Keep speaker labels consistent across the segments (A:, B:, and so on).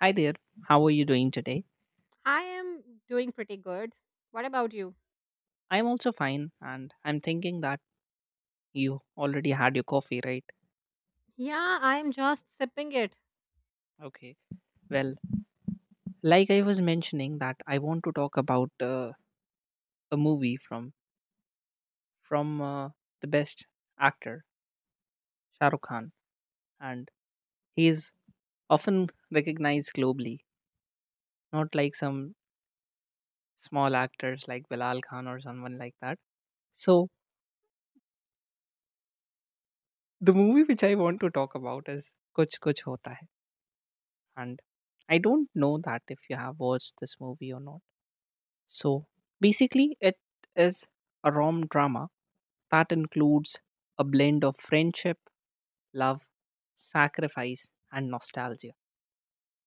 A: Hi there, how are you doing today?
B: I am doing pretty good. What about you?
A: I'm also fine, and I'm thinking that you already had your coffee, right?
B: Yeah, I'm just sipping it.
A: Okay. Well, like I was mentioning, that I want to talk about a movie from the best actor, Shah Rukh Khan, and he is often recognized globally, not like some small actors like Bilal Khan or someone like that. So the movie which I want to talk about is Kuch Kuch Hota Hai, and I don't know that if you have watched this movie or not. So basically, it is a rom drama that includes a blend of friendship, love, sacrifice, and nostalgia.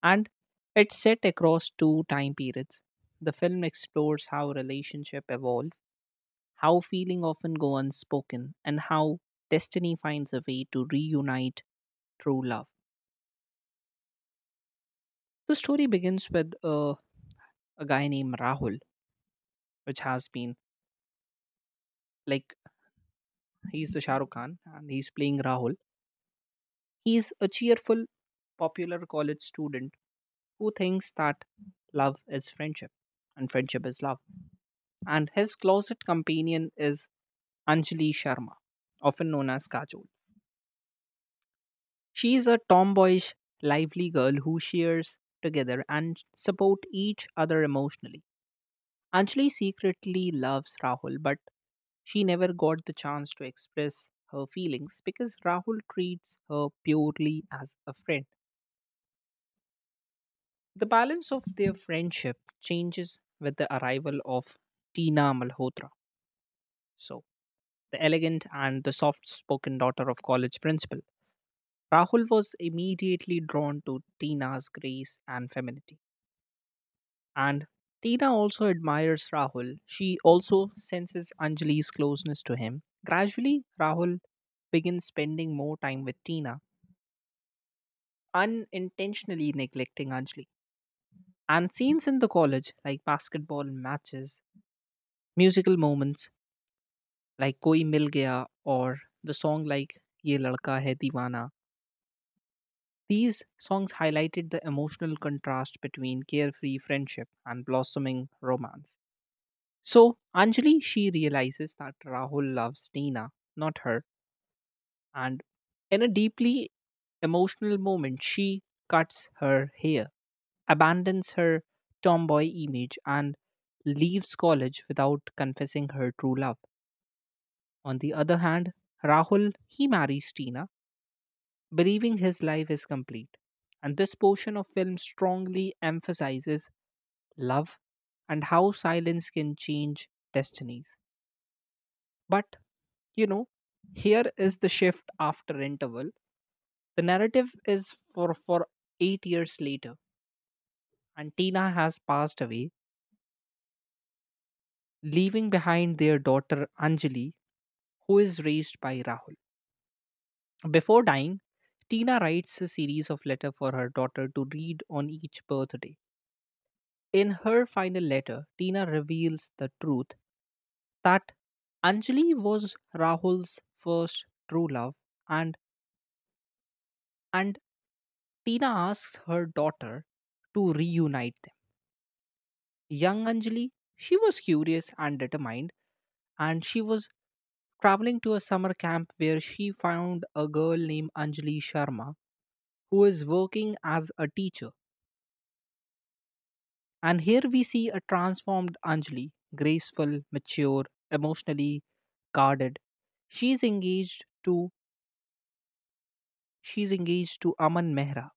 A: And it's set across two time periods. The film explores how relationships evolve, how feeling often go unspoken, and how destiny finds a way to reunite through love. The story begins with a guy named Rahul, which has been like he's the Shah Rukh Khan and he's playing Rahul. He's a cheerful, popular college student who thinks that love is friendship and friendship is love. And his closet companion is Anjali Sharma, often known as Kajol. She is a tomboyish, lively girl who shares together and support each other emotionally. Anjali secretly loves Rahul, but she never got the chance to express her feelings because Rahul treats her purely as a friend. The balance of their friendship changes with the arrival of Tina Malhotra. So, the elegant and the soft spoken daughter of college principal. Rahul was immediately drawn to Tina's grace and femininity. And Tina also admires Rahul. She also senses Anjali's closeness to him. Gradually, Rahul begins spending more time with Tina, unintentionally neglecting Anjali. And scenes in the college, like basketball matches, musical moments, like Koi Mil Gaya or the song like Ye Ladka Hai Deewana. These songs highlighted the emotional contrast between carefree friendship and blossoming romance. So Anjali, she realizes that Rahul loves Tina, not her, and in a deeply emotional moment, she cuts her hair, abandons her tomboy image, and leaves college without confessing her true love. On the other hand, Rahul, he marries Tina believing his life is complete. And this portion of film strongly emphasizes love and how silence can change destinies. But, you know, here is the shift after interval. The narrative is for 8 years later, and Tina has passed away, leaving behind their daughter Anjali, who is raised by Rahul. Before dying, Tina writes a series of letters for her daughter to read on each birthday. In her final letter, Tina reveals the truth that Anjali was Rahul's first true love and and Tina asks her daughter to reunite them. Young Anjali, she was curious and determined, and she was traveling to a summer camp where she found a girl named Anjali Sharma who is working as a teacher. And here we see a transformed Anjali, graceful, mature, emotionally guarded. She's engaged to she's engaged to Aman Mehra,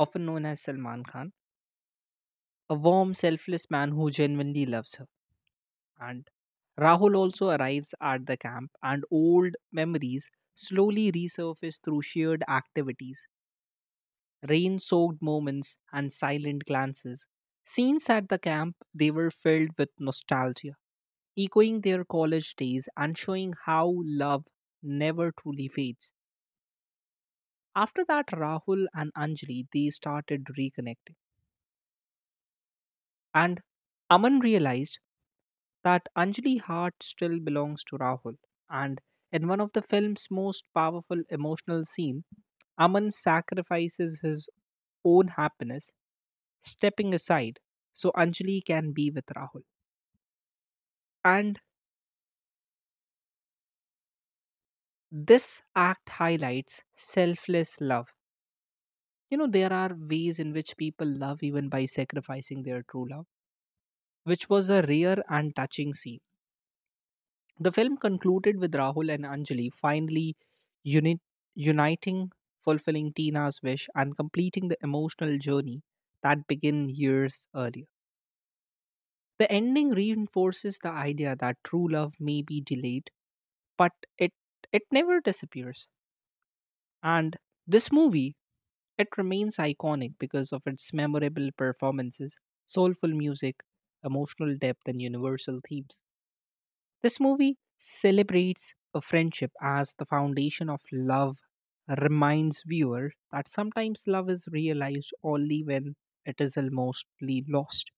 A: often known as Salman Khan, a warm, selfless man who genuinely loves her. And Rahul also arrives at the camp, and old memories slowly resurface through shared activities, rain-soaked moments, and silent glances. Scenes at the camp they were filled with nostalgia, echoing their college days and showing how love never truly fades. After that, Rahul and Anjali they started reconnecting, and Aman realized that Anjali's heart still belongs to Rahul. And in one of the film's most powerful emotional scene, Aman sacrifices his own happiness, stepping aside so Anjali can be with Rahul. And this act highlights selfless love. There are ways in which people love even by sacrificing their true love, which was a rare and touching scene. The film concluded with Rahul and Anjali finally uni- uniting, fulfilling Tina's wish, and completing the emotional journey that began years earlier. The ending reinforces the idea that true love may be delayed, but it, it never disappears. And this movie, it remains iconic because of its memorable performances, soulful music, emotional depth, and universal themes. This movie celebrates a friendship as the foundation of love, reminds viewer that sometimes love is realized only when it is almostly lost.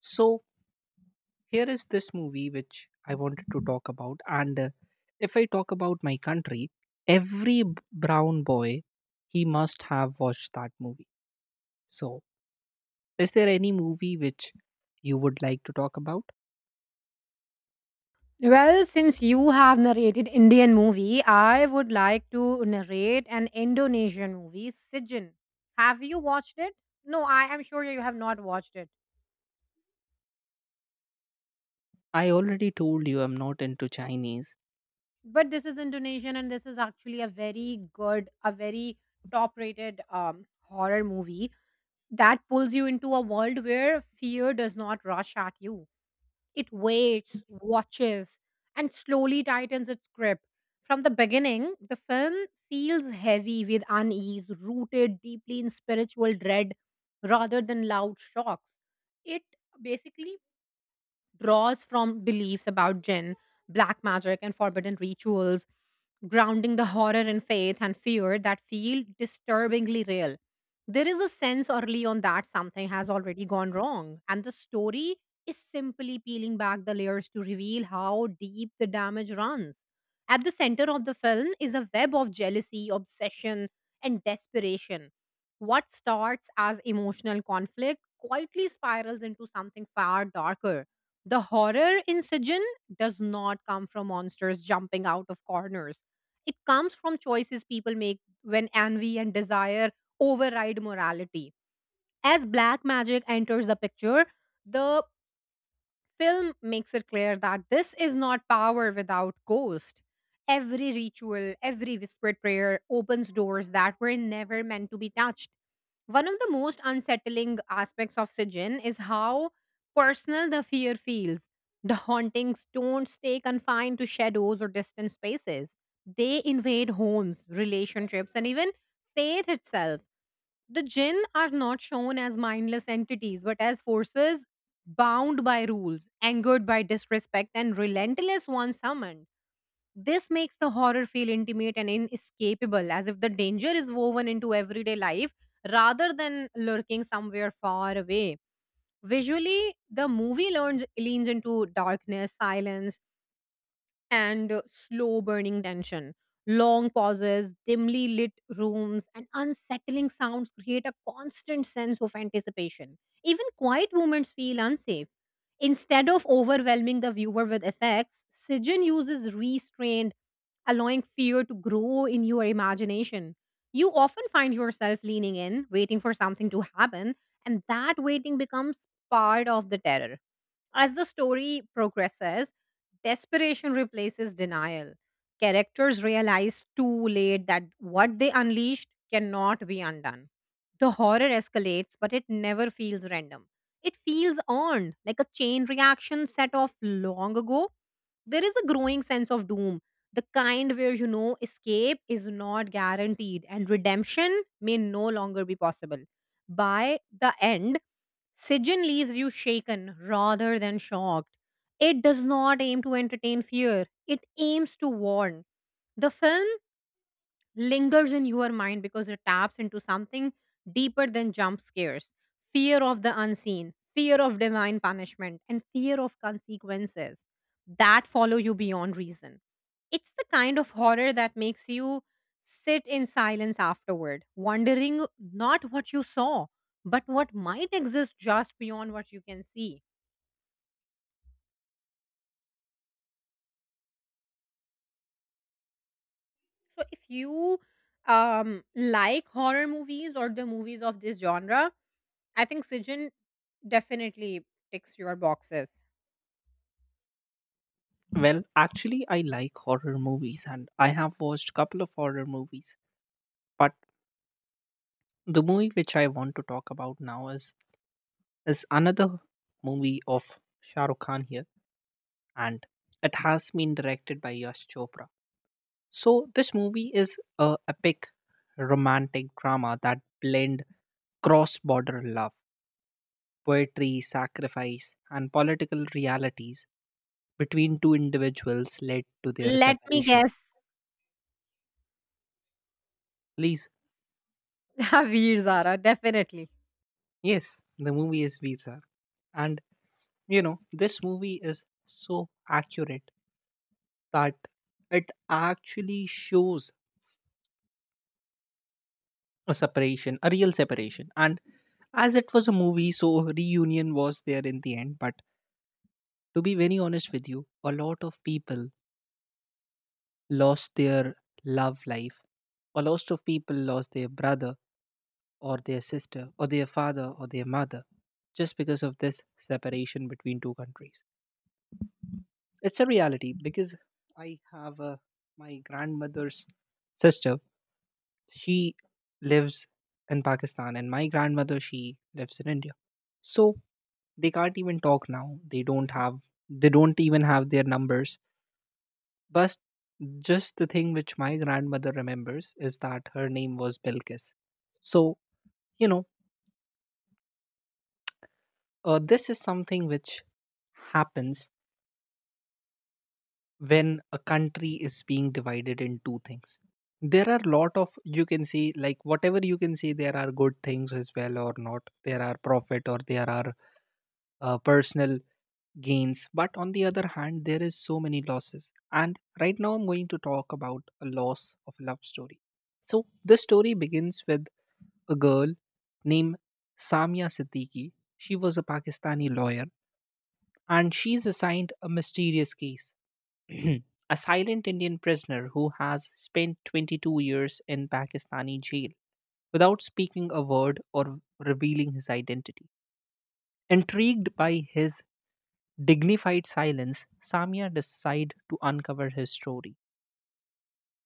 A: So here is this movie which I wanted to talk about, and if I talk about my country, every brown boy he must have watched that movie. So is there any movie which you would like to talk about?
B: Well, since you have narrated Indian movie, I would like to narrate an Indonesian movie, Sijin. Have you watched it? No, I am sure you have not watched it.
A: I already told you I'm not into Chinese.
B: But this is Indonesian and this is actually a very top-rated horror movie that pulls you into a world where fear does not rush at you. It waits, watches, and slowly tightens its grip. From the beginning, the film feels heavy with unease, rooted deeply in spiritual dread rather than loud shocks. It basically draws from beliefs about jinn, black magic, and forbidden rituals, grounding the horror in faith and fear that feel disturbingly real. There is a sense early on that something has already gone wrong, and the story is simply peeling back the layers to reveal how deep the damage runs. At the center of the film is a web of jealousy, obsession, and desperation. What starts as emotional conflict quietly spirals into something far darker. The horror in Sijin does not come from monsters jumping out of corners; it comes from choices people make when envy and desire override morality. As black magic enters the picture, the film makes it clear that this is not power without ghost. Every ritual, every whispered prayer opens doors that were never meant to be touched. One of the most unsettling aspects of Sijin is how personal the fear feels. The hauntings don't stay confined to shadows or distant spaces. They invade homes, relationships, and even faith itself. The jinn are not shown as mindless entities, but as forces bound by rules, angered by disrespect, and relentless once summoned. This makes the horror feel intimate and inescapable, as if the danger is woven into everyday life rather than lurking somewhere far away. Visually, the movie leans into darkness, silence, and slow burning tension. Long pauses, dimly lit rooms, and unsettling sounds create a constant sense of anticipation. Even quiet moments feel unsafe. Instead of overwhelming the viewer with effects, Sijin uses restraint, allowing fear to grow in your imagination. You often find yourself leaning in, waiting for something to happen, and that waiting becomes part of the terror. As the story progresses, desperation replaces denial. Characters realize too late that what they unleashed cannot be undone. The horror escalates, but it never feels random. It feels earned, like a chain reaction set off long ago. There is a growing sense of doom, the kind where you know escape is not guaranteed and redemption may no longer be possible. By the end, Sijin leaves you shaken rather than shocked. It does not aim to entertain fear, it aims to warn. The film lingers in your mind because it taps into something deeper than jump scares: fear of the unseen, fear of divine punishment, and fear of consequences that follow you beyond reason. It's the kind of horror that makes you sit in silence afterward, wondering not what you saw, but what might exist just beyond what you can see. So if you like horror movies or the movies of this genre, I think Sijin definitely ticks your boxes.
A: Well, actually, I like horror movies and I have watched a couple of horror movies. But the movie which I want to talk about now is another movie of Shah Rukh Khan here and it has been directed by Yash Chopra. So this movie is a epic romantic drama that blend cross-border love, poetry, sacrifice and political realities between two individuals led to their
B: Let me
A: separation.
B: guess.
A: Please.
B: Veer Zara, definitely.
A: Yes, the movie is Veer. And this movie is so accurate that it actually shows a separation, a real separation. And as it was a movie, so reunion was there in the end. But to be very honest with you, a lot of people lost their love life. A lot of people lost their brother or their sister or their father or their mother just because of this separation between two countries. It's a reality because I have my grandmother's sister. She lives in Pakistan, and my grandmother she lives in India. So they can't even talk now. They don't have. They don't even have their numbers. But just the thing which my grandmother remembers is that her name was Bilkis. So you know, this is something which happens when a country is being divided in two things. There are lot of, you can see, like whatever you can see, there are good things as well or not, there are profit or there are personal gains, but on the other hand there is so many losses, and right now I'm going to talk about a loss of a love story. So this story begins with a girl named Samia Siddiqui. She was a Pakistani lawyer, and she's assigned a mysterious case. A silent Indian prisoner who has spent 22 years in Pakistani jail without speaking a word or revealing his identity. Intrigued by his dignified silence, Samia decided to uncover his story.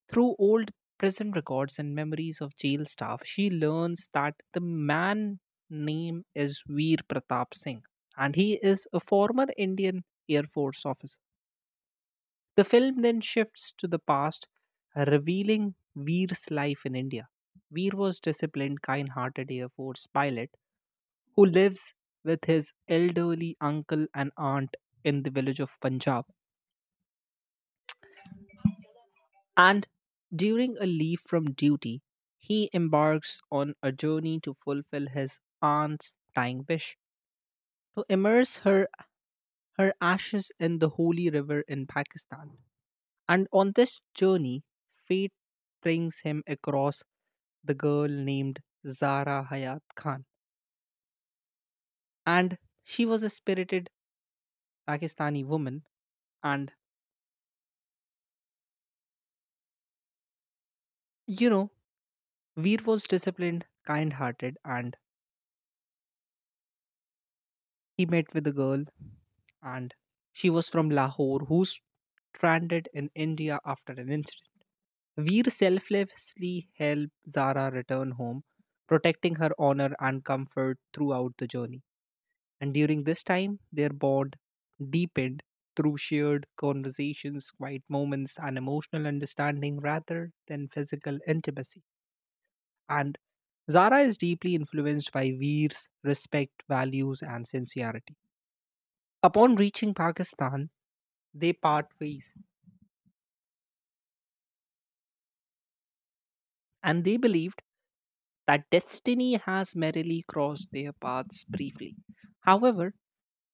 A: Through old prison records and memories of jail staff, she learns that the man name is Veer Pratap Singh and he is a former Indian Air Force officer. The film then shifts to the past, revealing Veer's life in India. Veer was disciplined, kind-hearted Air Force pilot who lives with his elderly uncle and aunt in the village of Punjab. And during a leave from duty, he embarks on a journey to fulfill his aunt's dying wish to immerse her ashes in the holy river in Pakistan. And on this journey, fate brings him across the girl named Zara Hayat Khan. And she was a spirited Pakistani woman. And, you know, Veer was disciplined, kind hearted, and he met with the girl. And she was from Lahore, who's stranded in India after an incident. Veer selflessly helped Zara return home, protecting her honor and comfort throughout the journey. And during this time, their bond deepened through shared conversations, quiet moments, and emotional understanding rather than physical intimacy. And Zara is deeply influenced by Veer's respect, values, and sincerity. Upon reaching Pakistan, they part ways, and they believed that destiny has merrily crossed their paths briefly. However,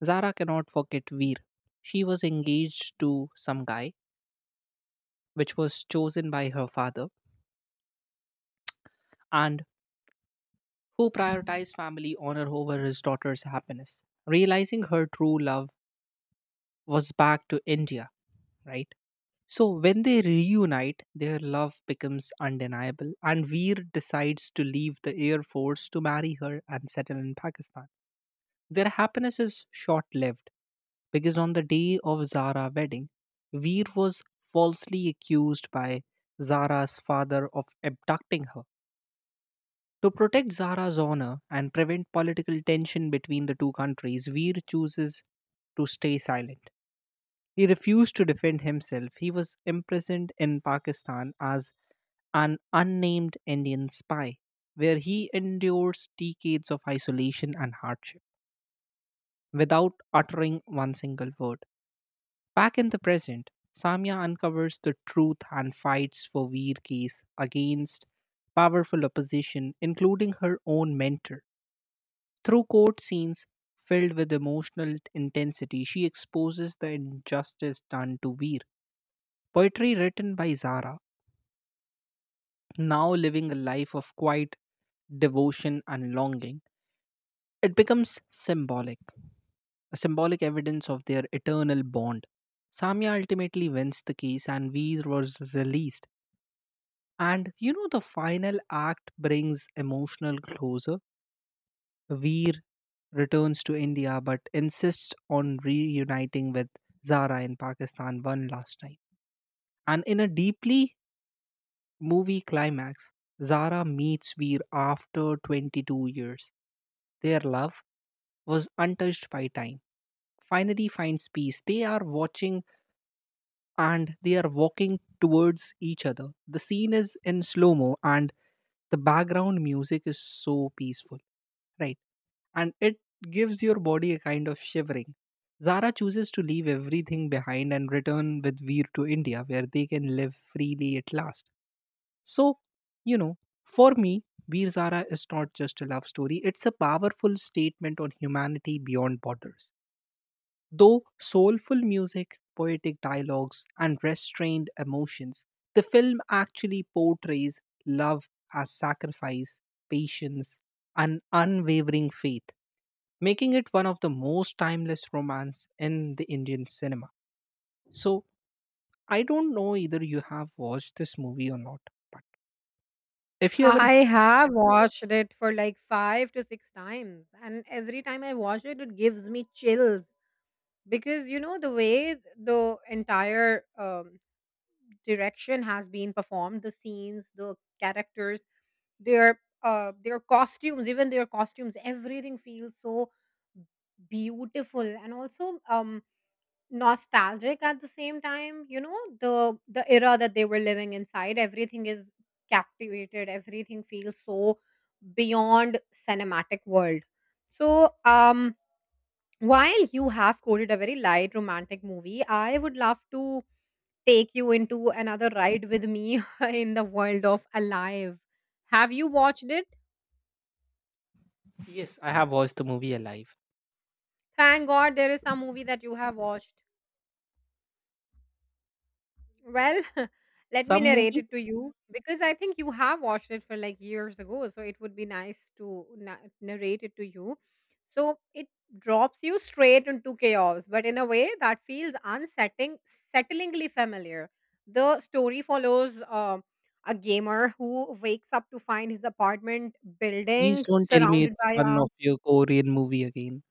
A: Zara cannot forget Veer. She was engaged to some guy, which was chosen by her father and who prioritized family honor over his daughter's happiness. Realizing her true love was back to India, right? So when they reunite, their love becomes undeniable, and Veer decides to leave the Air Force to marry her and settle in Pakistan. Their happiness is short lived because on the day of Zara's wedding, Veer was falsely accused by Zara's father of abducting her. To protect Zahra's honor and prevent political tension between the two countries, Veer chooses to stay silent. He refused to defend himself. He was imprisoned in Pakistan as an unnamed Indian spy, where he endures decades of isolation and hardship without uttering one single word. Back in the present, Samya uncovers the truth and fights for Veer case against powerful opposition, including her own mentor. Through court scenes filled with emotional intensity, she exposes the injustice done to Veer. Poetry written by Zara, now living a life of quiet devotion and longing, it becomes symbolic, a symbolic evidence of their eternal bond. Samya ultimately wins the case and Veer was released. The final act brings emotional closure. Veer returns to India but insists on reuniting with Zara in Pakistan one last time. And in a deeply movie climax, Zara meets Veer after 22 years. Their love was untouched by time. Finally, finds peace. They are watching and they are walking towards each other. The scene is in slow mo and the background music is so peaceful, right? And it gives your body a kind of shivering. Zara chooses to leave everything behind and return with Veer to India, where they can live freely at last. So, you know, for me, Veer Zara is not just a love story, it's a powerful statement on humanity beyond borders. Though soulful music, poetic dialogues, and restrained emotions, the film actually portrays love as sacrifice, patience, and unwavering faith making it one of the most timeless romance in the Indian cinema. So I don't know either you have watched this movie or not, but if you ever.
B: I have watched it for like 5 to 6 times, and every time I watch it, it gives me chills, because you know the way the entire direction has been performed, the scenes, the characters, their costumes, everything feels so beautiful and also nostalgic at the same time. You know, the era that they were living inside, everything is captivated, everything feels so beyond cinematic world. So while you have quoted a very light romantic movie, I would love to take you into another ride with me in the world of Alive. Have you watched it?
A: Yes, I have watched the movie Alive.
B: Thank God there is some movie that you have watched. Well, let me
A: Some
B: narrate
A: movie,
B: it to you, because I think you have watched it for like years ago. So it would be nice to narrate it to you. So it drops you straight into chaos, but in a way that feels unsettling, settlingly familiar. The story follows a gamer who wakes up to find his apartment
A: please
B: building
A: don't tell me
B: surrounded
A: it's
B: by
A: one
B: a
A: of your Korean movie again.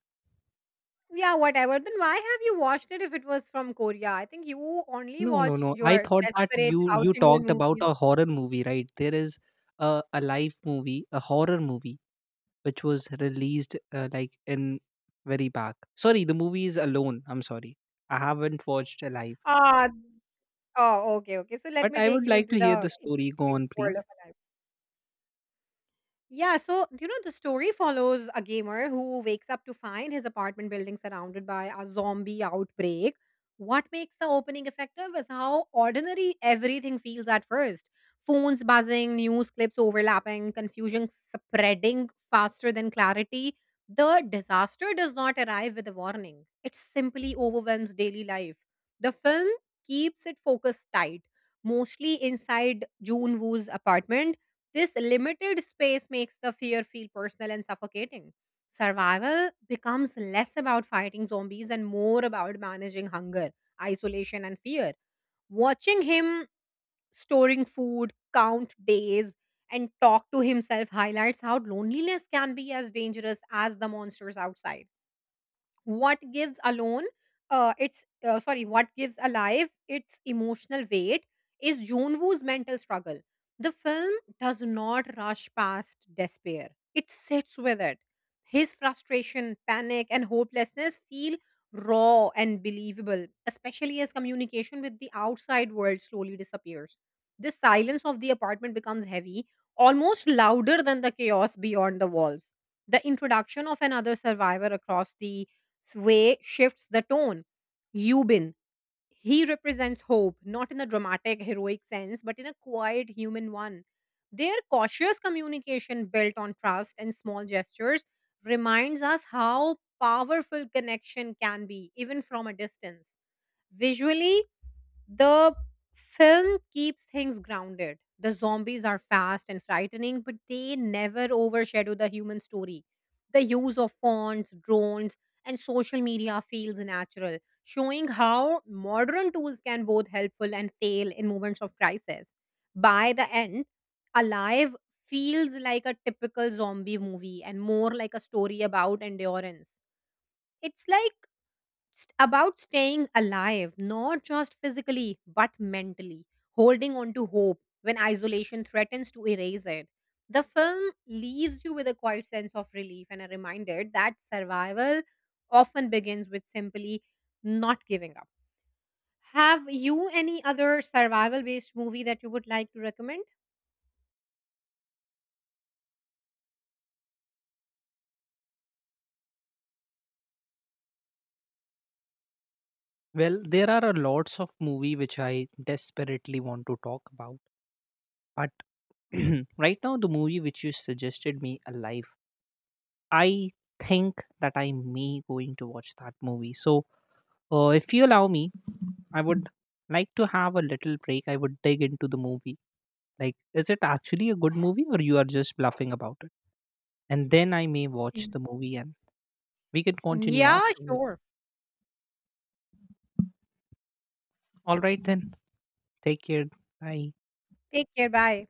B: yeah, whatever. Then why have you watched it if it was from Korea? I think you only
A: No, no,
B: watch
A: no. I
B: your
A: thought that
B: desperate
A: you
B: South
A: you
B: Indian
A: talked about
B: movies.
A: a horror movie, right? There is a live movie, a horror movie, which was released like in very back. Sorry, the movie is Alone. I'm sorry. I haven't watched Alive.
B: Ah, oh, okay, okay. So let
A: But
B: me
A: I
B: take
A: would
B: you
A: like
B: into
A: to hear the
B: the into
A: story. Go
B: the
A: on,
B: world of
A: please.
B: alive. Yeah, so you know the story follows a gamer who wakes up to find his apartment building surrounded by a zombie outbreak. What makes the opening effective is how ordinary everything feels at first. Phones buzzing, news clips overlapping, confusion spreading faster than clarity. The disaster does not arrive with a warning. It simply overwhelms daily life. The film keeps it focused tight, mostly inside Jun Woo's apartment. This limited space makes the fear feel personal and suffocating. Survival becomes less about fighting zombies and more about managing hunger, isolation, and fear. Watching him storing food, count days, and talk to himself highlights how loneliness can be as dangerous as the monsters outside. What gives alone its Sorry, what gives Alive its emotional weight is Junwoo's mental struggle. The film does not rush past despair, it sits with it. His frustration, panic and hopelessness feel raw and believable, especially as communication with the outside world slowly disappears. The silence of the apartment becomes heavy, almost louder than the chaos beyond the walls. The introduction of another survivor across the Sway shifts the tone. Eubin, he represents hope, not in a dramatic, heroic sense, but in a quiet, human one. Their cautious communication built on trust and small gestures reminds us how powerful connection can be, even from a distance. Visually, the film keeps things grounded. The zombies are fast and frightening, but they never overshadow the human story. The use of fonts, drones, and social media feels natural, showing how modern tools can both helpful and fail in moments of crisis. By the end, Alive feels like a typical zombie movie and more like a story about endurance. It's like about staying alive, not just physically, but mentally, holding on to hope when isolation threatens to erase it. The film leaves you with a quiet sense of relief and a reminder that survival often begins with simply not giving up. Have you any other survival based movie that you would like to recommend?
A: Well, there are a lots of movie which I desperately want to talk about. But right now, the movie which you suggested me, Alive, I think that I may going to watch that movie. So, if you allow me, I would like to have a little break. I would dig into the movie. Like, is it actually a good movie, or you are just bluffing about it? And then I may watch
B: Y-
A: the movie, and we can continue
B: Yeah,
A: afterwards.
B: sure.
A: All right, then. Take care. Bye.
B: Take care. Bye.